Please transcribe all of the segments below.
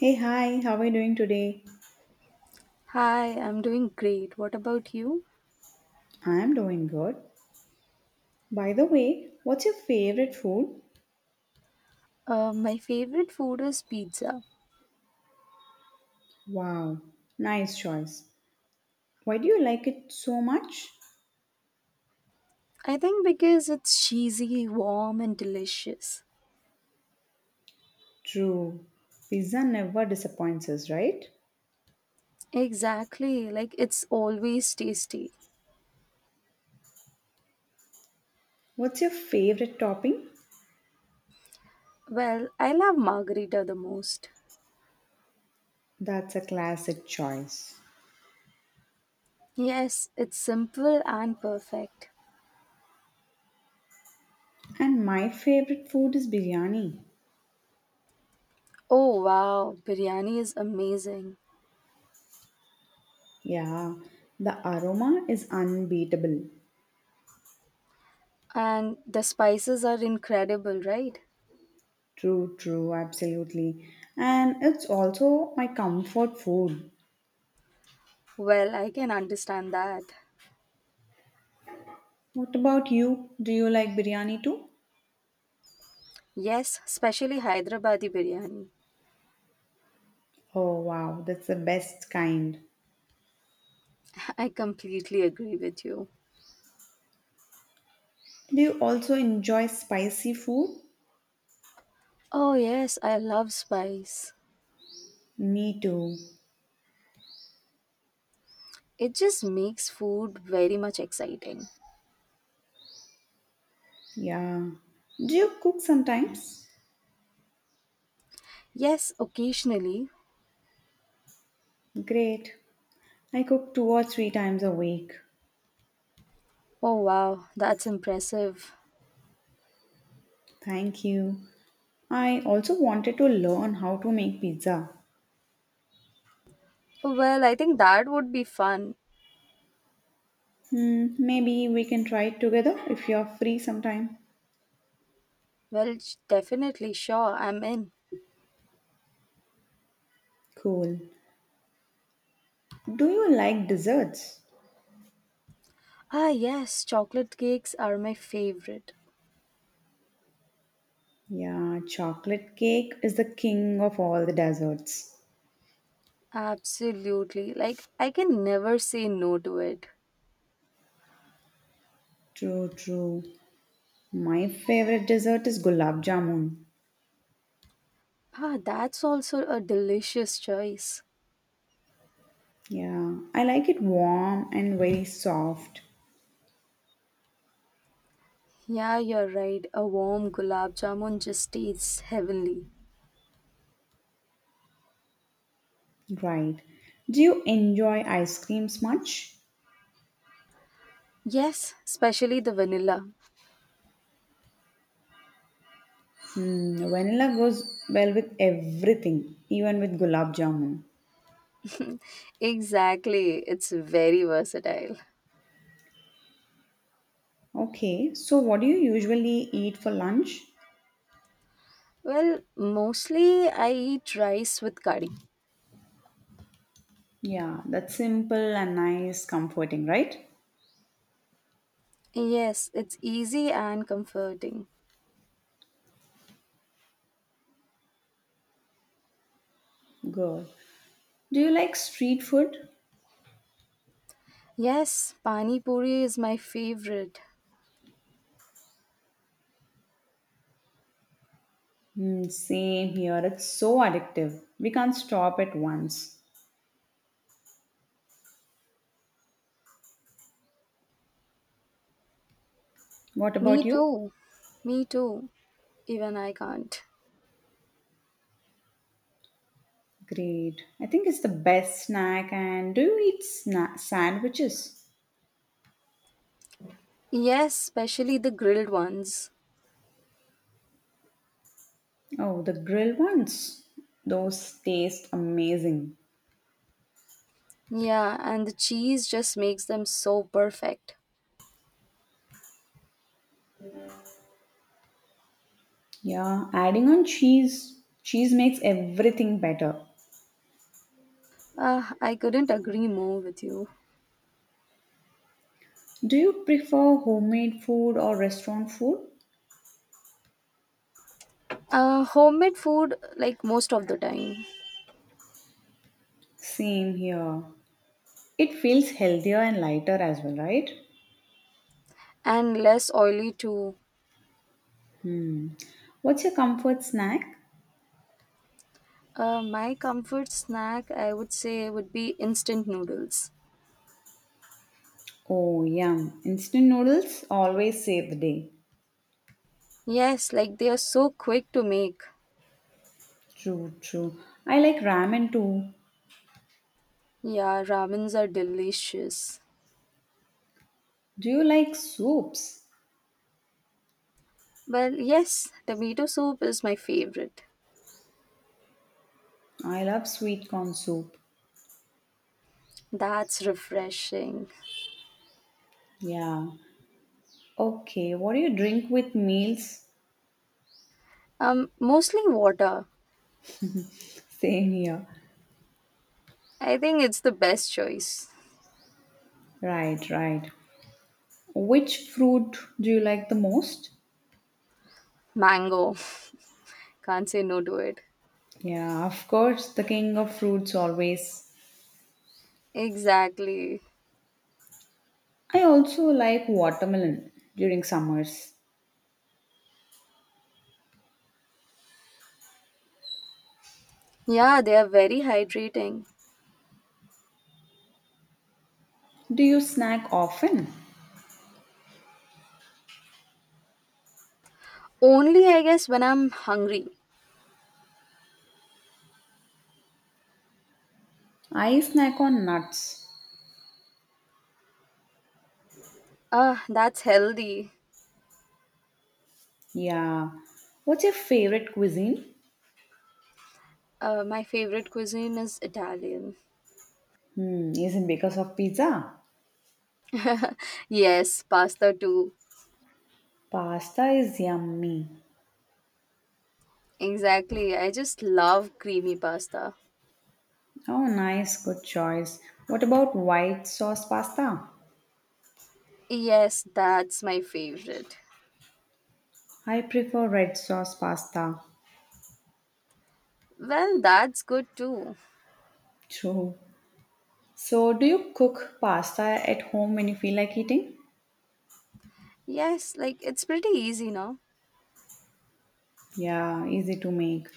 Hey, hi, how are you doing today? Hi, I'm doing great. What about you? I'm doing good. By the way, what's your favorite food? My favorite food is pizza. Wow, nice choice. Why do you like it so much? I think because it's cheesy, warm, and delicious. True, pizza never disappoints us, right? Exactly, like it's always tasty. What's your favorite topping? Well, I love margarita the most. That's a classic choice. Yes, it's simple and perfect. And my favorite food is biryani. Oh wow, biryani is amazing. Yeah, the aroma is unbeatable. And the spices are incredible, right? True, true, absolutely. And it's also my comfort food. Well, I can understand that. What about you? Do you like biryani too? Yes, especially Hyderabadi biryani. Oh wow, that's the best kind. I completely agree with you. Do you also enjoy spicy food? Oh, yes, I love spice. Me too. It just makes food very much exciting. Yeah, do you cook sometimes? Yes, occasionally. Great. I cook two or three times a week. Oh, wow, that's impressive. Thank you. I also wanted to learn how to make pizza. Well, I think that would be fun. Hmm, maybe we can try it together if you're free sometime. Well, definitely, sure, I'm in. Cool. Do you like desserts? Ah, yes, chocolate cakes are my favorite. Yeah, chocolate cake is the king of all the desserts. Absolutely. Like, I can never say no to it. True, true. My favorite dessert is gulab jamun. Ah, that's also a delicious choice. Yeah, I like it warm and very soft. Yeah, you're right. A warm gulab jamun just tastes heavenly. Right. Do you enjoy ice creams much? Yes, especially the vanilla. Mm, vanilla goes well with everything, even with gulab jamun. Exactly. It's very versatile. Okay, so what do you usually eat for lunch? Well, mostly I eat rice with curry. Yeah, that's simple and nice, comforting, right? Yes, it's easy and comforting. Good. Do you like street food? Yes, pani puri is my favorite. Mm, same here. It's so addictive. We can't stop at once. What about Me you? too. Me too. Even I can't. Great. I think it's the best snack. And do you eat sandwiches? Yes, especially the grilled ones. Oh, the grilled ones. Those taste amazing. Yeah, and the cheese just makes them so perfect. Yeah, adding on cheese. Cheese makes everything better. Ah, I couldn't agree more with you. Do you prefer homemade food or restaurant food? Homemade food, like most of the time. Same here. It feels healthier and lighter as well, right? And less oily too. What's your comfort snack? My comfort snack, I would say, would be instant noodles. Oh, yum. Instant noodles always save the day. Yes, like they are so quick to make. True, true. I like ramen too. Yeah, ramens are delicious. Do you like soups? But yes, tomato soup is my favorite. I love sweet corn soup. That's refreshing. Yeah. Okay. What do you drink with meals? Mostly water. Same here. I think it's the best choice. Right, right. Which fruit do you like the most? Mango. Can't say no to it. Yeah, of course, the king of fruits always. Exactly. I also like watermelon during summers. Yeah, they are very hydrating. Do you snack often? Only, I guess, when I'm hungry. I snack on nuts. Ah, that's healthy. Yeah. What's your favorite cuisine? My favorite cuisine is Italian. Hmm, is it because of pizza? Yes, pasta too. Pasta is yummy. Exactly. I just love creamy pasta. Oh, nice, good choice. What about white sauce pasta? Yes, that's my favorite. I prefer red sauce pasta. Well, that's good too. True. So, do you cook pasta at home when you feel like eating? Yes, like it's pretty easy now. Yeah, easy to make.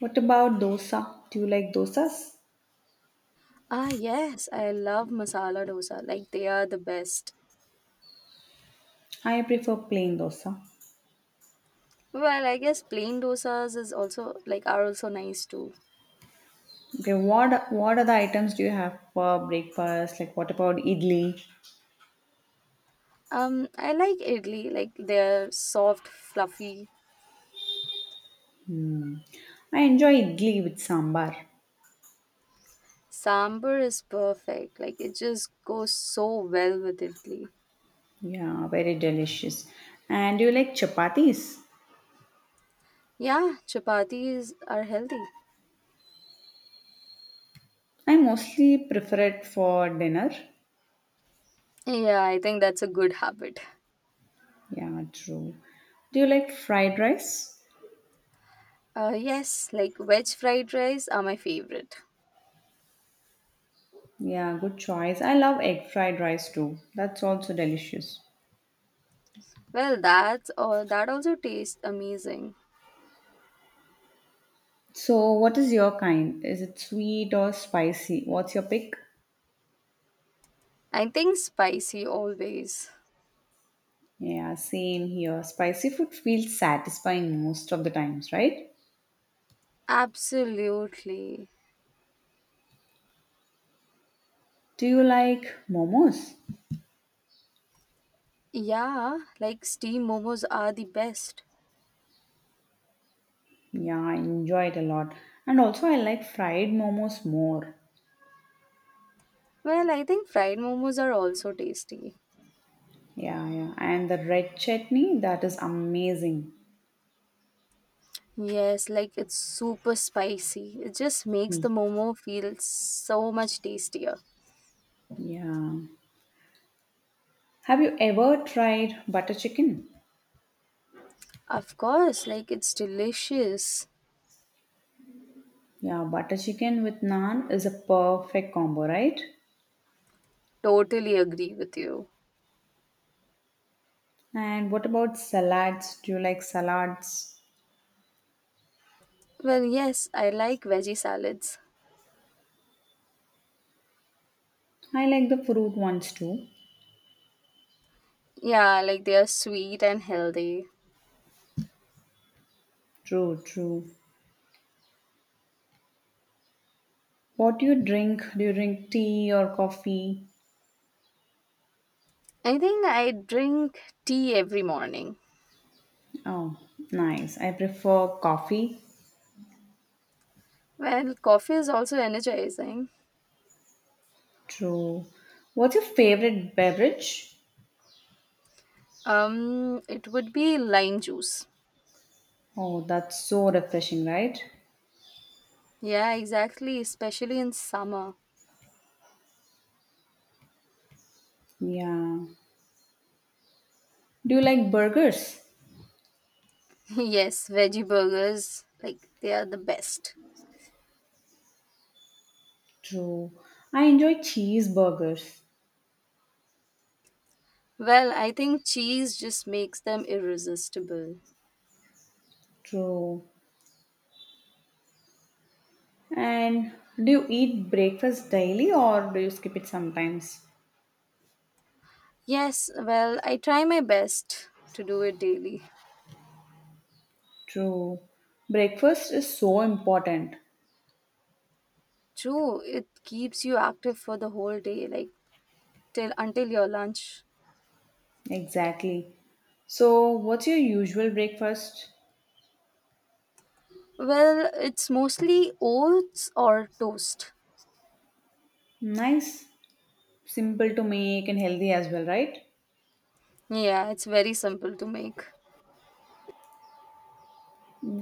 What about dosa? Do you like dosas? Ah, yes, I love masala dosa. Like they are the best. I prefer plain dosa. Well, I guess plain dosas is also like are also nice too. Okay, what other items do you have for breakfast? Like what about idli? I like idli. Like they're soft, fluffy. I enjoy idli with sambar. Sambar is perfect. Like it just goes so well with idli. Yeah, very delicious. And do you like chapatis? Yeah, chapatis are healthy. I mostly prefer it for dinner. Yeah, I think that's a good habit. Yeah, true. Do you like fried rice? Yes, like veg fried rice are my favorite. Yeah, good choice. I love egg fried rice too. That's also delicious. Well, that's all. That also tastes amazing. So, what is your kind? Is it sweet or spicy? What's your pick? I think spicy always. Yeah, same here. Spicy food feels satisfying most of the times, right? Absolutely. Do you like momos? Yeah, like steam momos are the best. Yeah, I enjoy it a lot. And also, I like fried momos more. Well, I think fried momos are also tasty. Yeah, yeah. And the red chutney, that is amazing. Yes, like it's super spicy. It just makes the momo feel so much tastier. Yeah. Have you ever tried butter chicken? Of course, like it's delicious. Yeah, butter chicken with naan is a perfect combo, right? Totally agree with you. And what about salads? Do you like salads? Well, yes, I like veggie salads. I like the fruit ones too. Yeah, like they are sweet and healthy. True, true. What do you drink? Do you drink tea or coffee? I think I drink tea every morning. Oh, nice. I prefer coffee. Well, coffee is also energizing. True. What's your favorite beverage? It would be lime juice. Oh, that's so refreshing, right? Yeah, exactly, especially in summer. Yeah. Do you like burgers? Yes, veggie burgers, like they are the best. True. I enjoy cheeseburgers. Well, I think cheese just makes them irresistible. True. And do you eat breakfast daily or do you skip it sometimes? Yes, well, I try my best to do it daily. True. Breakfast is so important. True, it keeps you active for the whole day, like till until your lunch. Exactly. So, what's your usual breakfast? Well, it's mostly oats or toast. Nice, simple to make and healthy as well, right? Yeah, it's very simple to make.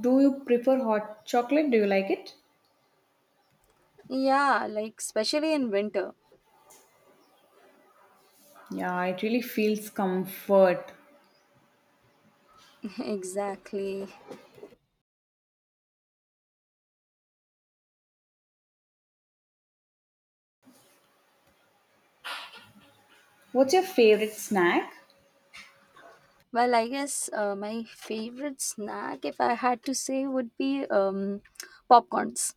Do you prefer hot chocolate? Do you like it? Yeah, like especially in winter. Yeah, it really feels comfort. Exactly. What's your favorite snack? Well, I guess my favorite snack, if I had to say, would be popcorns.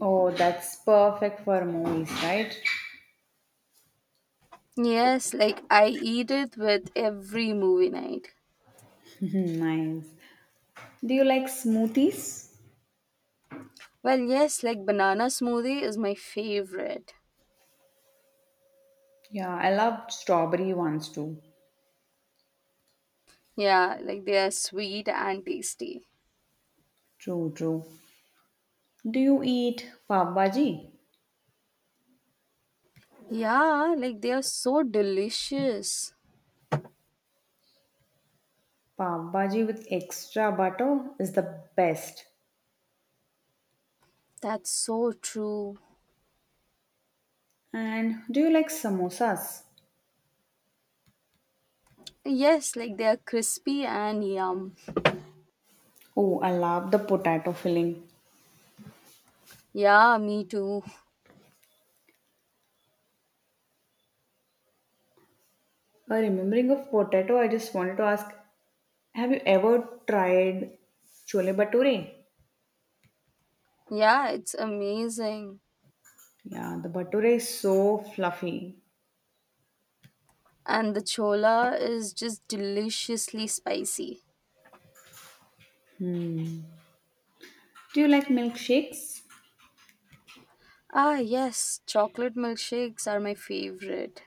Oh, that's perfect for movies, right? Yes, like I eat it with every movie night. Hmm, nice. Do you like smoothies? Well, yes, like banana smoothie is my favorite. Yeah, I love strawberry ones too. Yeah, like they are sweet and tasty. True, true. Do you eat pav bhaji? Yeah, like they are so delicious. Pav bhaji with extra butter is the best. That's so true. And do you like samosas? Yes, like they are crispy and yum. Oh, I love the potato filling. Yeah, me too. Remembering of potato, I just wanted to ask, have you ever tried chole bhature? Yeah, it's amazing. Yeah, the bhature is so fluffy. And the chola is just deliciously spicy. Do you like milkshakes? Ah, yes, chocolate milkshakes are my favorite.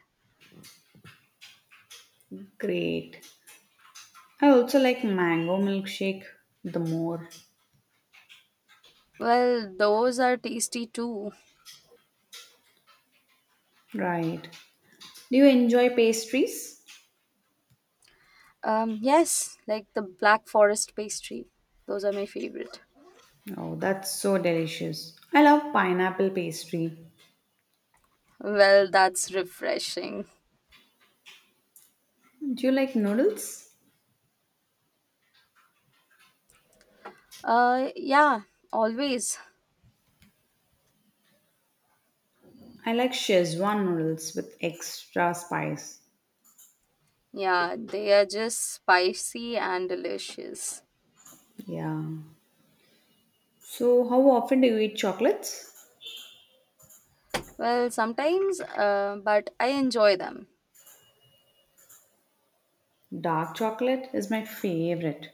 Great. I also like mango milkshake the more. Well, those are tasty too. Right. Do you enjoy pastries? Yes, like the Black Forest pastry. Those are my favorite. Oh, that's so delicious. I love pineapple pastry. Well, that's refreshing. Do you like noodles? Yeah, always. I like Szechuan noodles with extra spice. Yeah, they are just spicy and delicious. Yeah. So, how often do you eat chocolates? Well, sometimes, but I enjoy them. Dark chocolate is my favorite.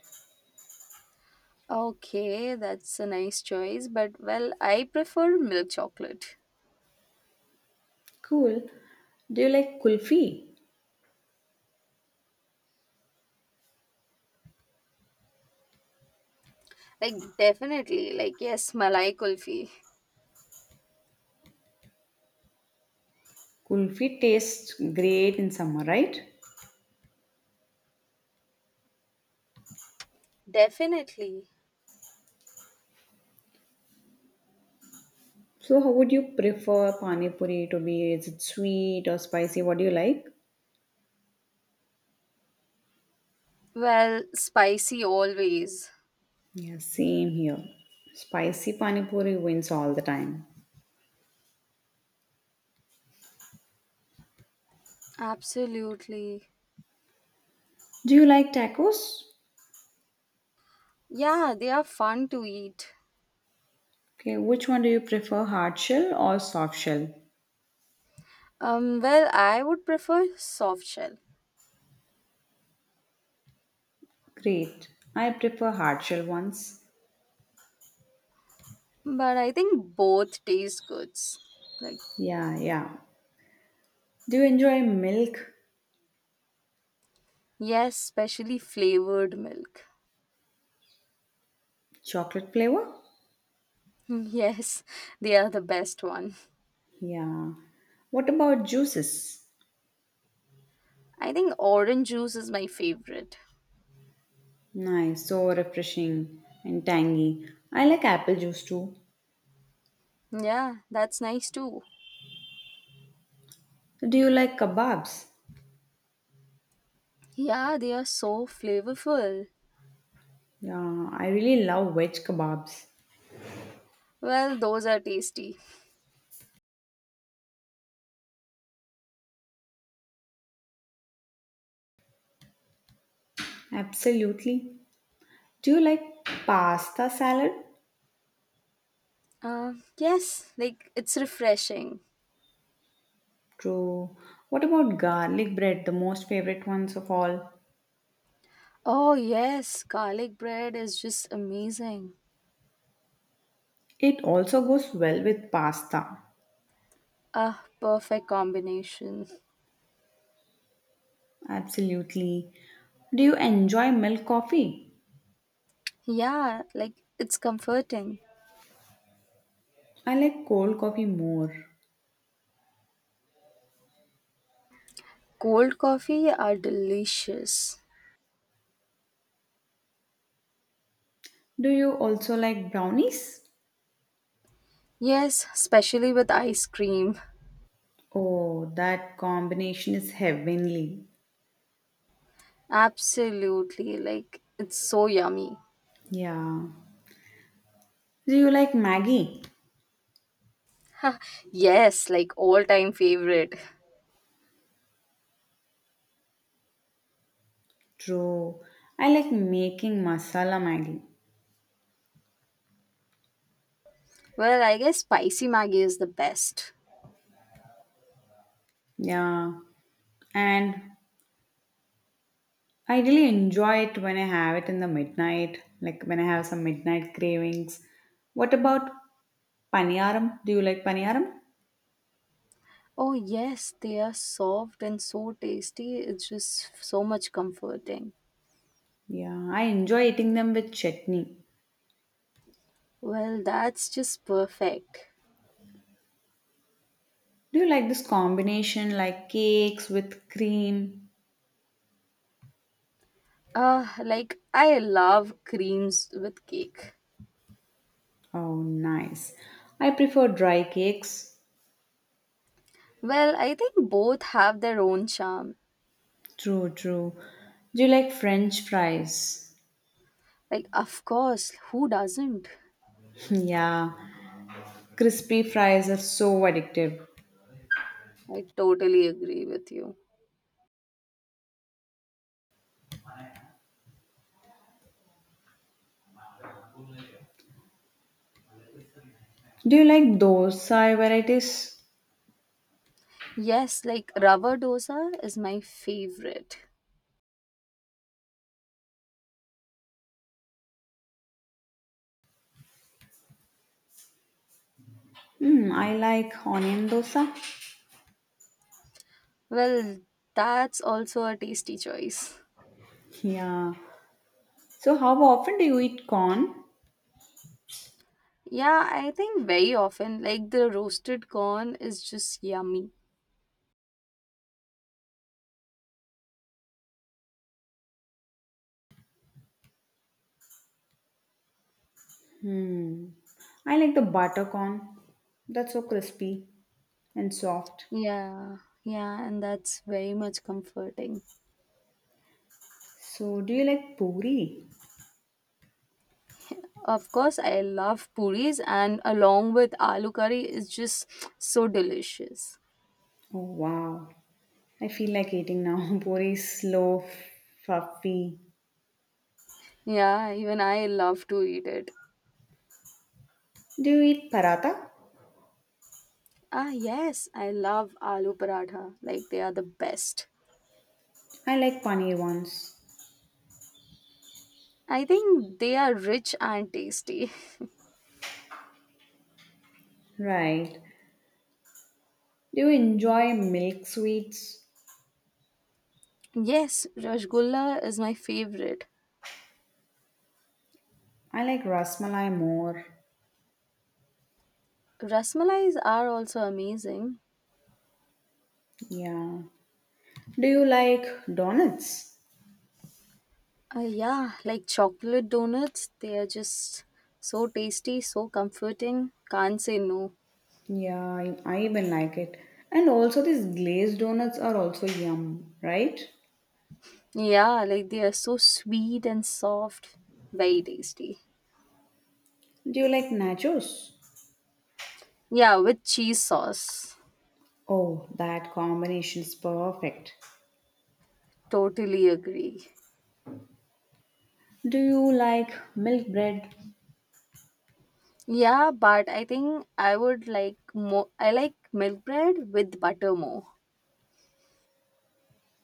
Okay, that's a nice choice, but well, I prefer milk chocolate. Cool. Do you like kulfi? Like, definitely, like, yes, Malai Kulfi. Kulfi tastes great in summer, right? Definitely. So, how would you prefer pani puri to be? Is it sweet or spicy? What do you like? Well, spicy always. Yeah, same here. Spicy pani puri wins all the time. Absolutely. Do you like tacos? Yeah, they are fun to eat. Okay, which one do you prefer, hard shell or soft shell? Well, I would prefer soft shell, Great. I prefer hard shell ones. but I think both taste goods. Like, Yeah, yeah. Do you enjoy milk yes, especially flavored milk. chocolate flavor? Yes, they are the best one. Yeah. What about juices? I think orange juice is my favorite. Nice, so refreshing and tangy. I like apple juice too. Yeah, that's nice too. Do you like kebabs? Yeah, they are so flavorful. Yeah, I really love veg kebabs. Well, those are tasty. Absolutely. Do you like pasta salad? Yes, like it's refreshing. True. What about garlic bread, the most favorite ones of all? Oh, yes, garlic bread is just amazing. It also goes well with pasta. Ah, perfect combination. Absolutely. Do you enjoy milk coffee? Yeah, like it's comforting. I like cold coffee more. Cold coffee are delicious. Do you also like brownies? Yes, especially with ice cream. Oh, that combination is heavenly. Absolutely, like it's so yummy. Yeah. Do you like Maggie? Ha, yes, like all time favorite. True. I like making masala Maggie. Well, I guess spicy Maggie is the best. Yeah, and I really enjoy it when I have it in the midnight, like when I have some midnight cravings. What about paniyaram? Do you like paniyaram? Oh, yes, they are soft and so tasty. It's just so much comforting. Yeah, I enjoy eating them with chutney. Well, that's just perfect. Do you like this combination like cakes with cream? Like I love creams with cake. Oh, nice. I prefer dry cakes. Well, I think both have their own charm. True, true. Do you like French fries? Like, of course, who doesn't? Yeah, crispy fries are so addictive. I totally agree with you. Do you like those thai varieties? Yes, like rubber dosa is my favorite. Hmm, I like onion dosa. Well, that's also a tasty choice. Yeah. So how often do you eat corn? Yeah, I think very often, like the roasted corn is just yummy. Hmm. I like the butter corn. That's so crispy and soft. Yeah, yeah, and that's very much comforting. So do you like puri? Of course, I love puris, and along with aloo curry is just so delicious. Oh wow. I feel like eating now. Puri is slow, fluffy. Yeah, even I love to eat it. Do you eat paratha? Ah, yes, I love aloo paratha. Like, they are the best. I like paneer ones. I think they are rich and tasty. Right. Do you enjoy milk sweets? Yes, rasgulla is my favorite. I like rasmalai more. Rasmalais are also amazing. Yeah. Do you like donuts? Ah, yeah, like chocolate donuts, they are just so tasty, so comforting. Can't say no. Yeah, I even like it. And also, these glazed donuts are also yum, right? Yeah, like they are so sweet and soft. Very tasty. Do you like nachos? Yeah, with cheese sauce. Oh, that combination is perfect. Totally agree. Do you like milk bread? Yeah, but I think I would like more. I like milk bread with butter more.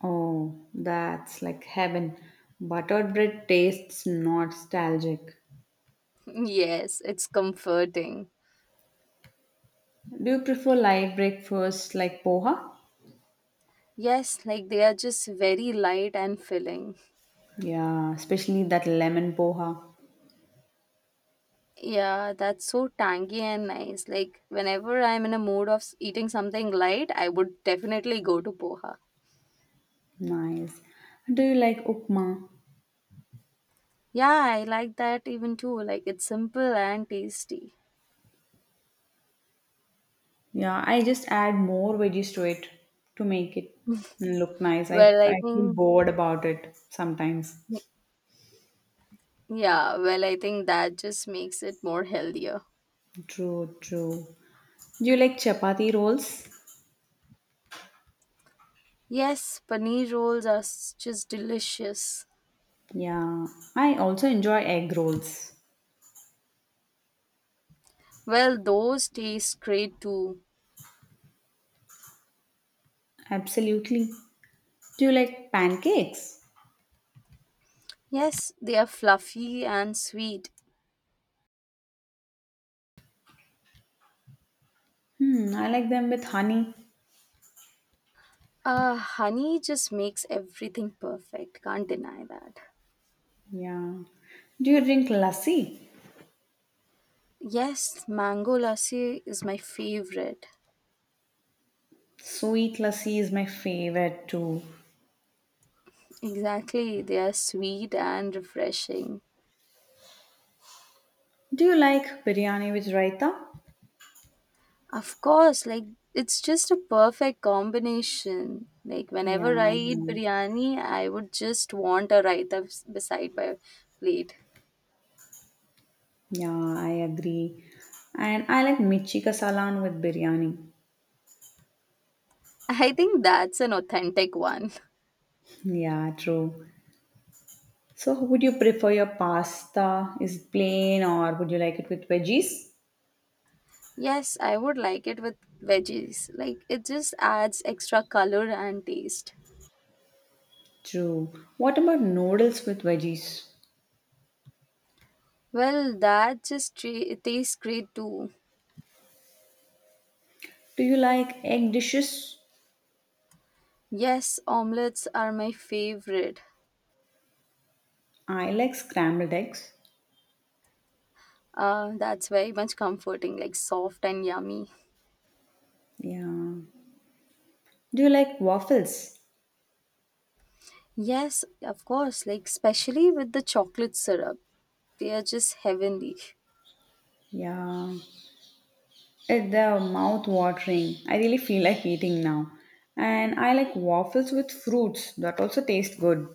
Oh, that's like heaven. Buttered bread tastes nostalgic. Yes, it's comforting. Do you prefer light breakfast like poha? Yes, like they are just very light and filling. Yeah, especially that lemon poha. Yeah, that's so tangy and nice. Like whenever I'm in a mood of eating something light, I would definitely go to poha. Nice. Do you like upma? Yeah, I like that even too. Like it's simple and tasty. Yeah, I just add more veggies to it to make it look nice. I, Well, I I feel think bored about it sometimes. yeah, well, I think that just makes it more healthier. True, true. Do you like chapati rolls? Yes, paneer rolls are just delicious. Yeah, I also enjoy egg rolls. Well, those taste great too. Absolutely. Do you like pancakes? Yes, they are fluffy and sweet. Hmm, I like them with honey. Honey just makes everything perfect. Can't deny that. Yeah. Do you drink lassi? Yes, mango lassi is my favorite. Sweet lassi is my favorite too. Exactly, they are sweet and refreshing. Do you like biryani with raita? Of course, like it's just a perfect combination. Like Yeah, whenever I I eat am. biryani, I would just want a raita beside my plate. Yeah, I agree. And I like mirchi ka Salan with biryani. I think that's an authentic one. Yeah, true. So, would you prefer your pasta? Is it plain or would you like it with veggies? Yes, I would like it with veggies. Like it just adds extra color and taste. True. What about noodles with veggies? Well, that just tastes great too. Do you like egg dishes? Yes, omelets are my favorite. I like scrambled eggs. That's very much comforting, like soft and yummy. Yeah. Do you like waffles? Yes, of course, like especially with the chocolate syrup. They are just heavenly. Yeah. It, the mouth watering. I really feel like eating now. And I like waffles with fruits. That also tastes good.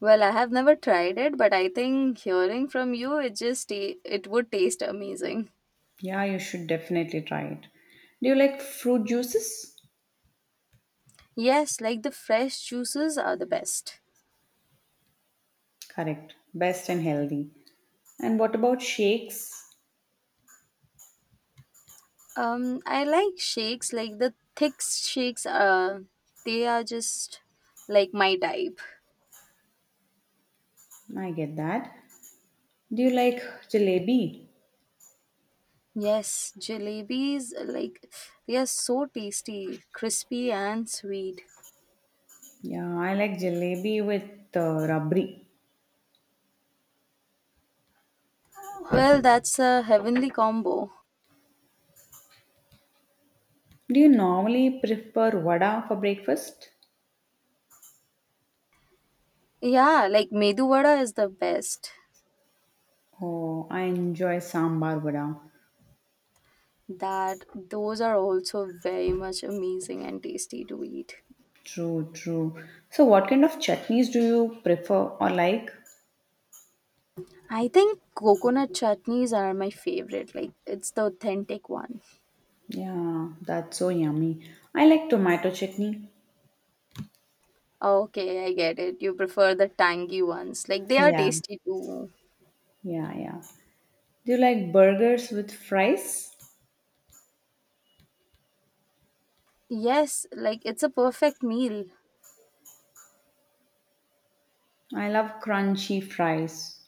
Well, I have never tried it, but I think hearing from you, it would taste amazing. Yeah, you should definitely try it. Do you like fruit juices? Yes, like the fresh juices are the best. Correct. Best and healthy. And what about shakes? I like shakes, like the thick shakes. They are just like my type. I get that. Do you like jalebi? Yes, jalebis, like they are so tasty, crispy and sweet. Yeah, I like jalebi with rabri. Well, that's a heavenly combo. Do you normally prefer vada for breakfast? Yeah, like medu vada is the best. Oh, I enjoy sambar vada. That those are also very much amazing and tasty to eat. True, true. So, what kind of chutneys do you prefer or like? I think coconut chutneys are my favorite. Like it's the authentic one. Yeah, that's so yummy. I like tomato chutney. Okay, I get it. You prefer the tangy ones. Like they are Yeah, tasty too. yeah, yeah. Do you like burgers with fries? Yes, like it's a perfect meal. I love crunchy fries.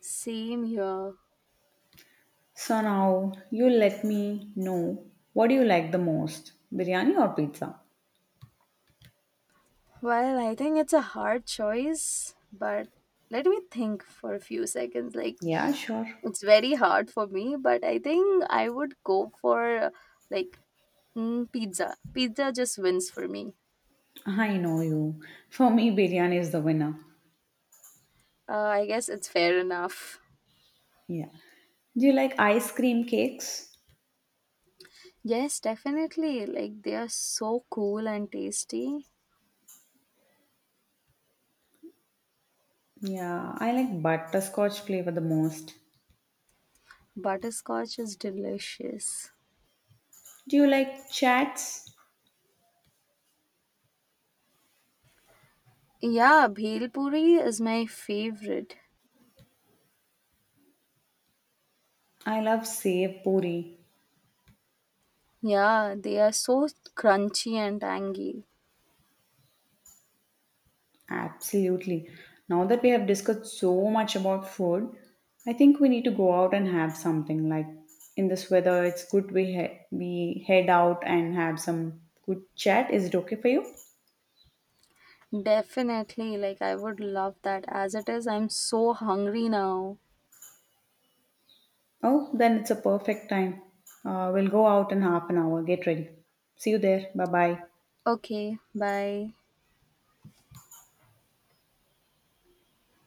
Same here. So now you let me know what do you like the most, biryani or pizza? Well, I think it's a hard choice, but let me think for a few seconds. Like Yeah, sure. it's very hard for me, but I think I would go for like pizza. Pizza just wins for me. I know you. For me, biryani is the winner. I guess it's fair enough. Yeah. Do you like ice cream cakes? Yes, definitely. Like they are so cool and tasty. Yeah, I like butterscotch flavor the most. Butterscotch is delicious. Do you like chats? Yeah, bhel puri is my favorite. I love save puri. Yeah, they are so crunchy and tangy. Absolutely. Now that we have discussed so much about food, I think we need to go out and have something. Like in this weather, it's good we head out and have some good chat. Is it okay for you? Definitely, like I would love that. As it is, I'm so hungry now. Oh, then it's a perfect time. We'll go out in half an hour. Get ready. See you there. Bye bye. Okay, bye.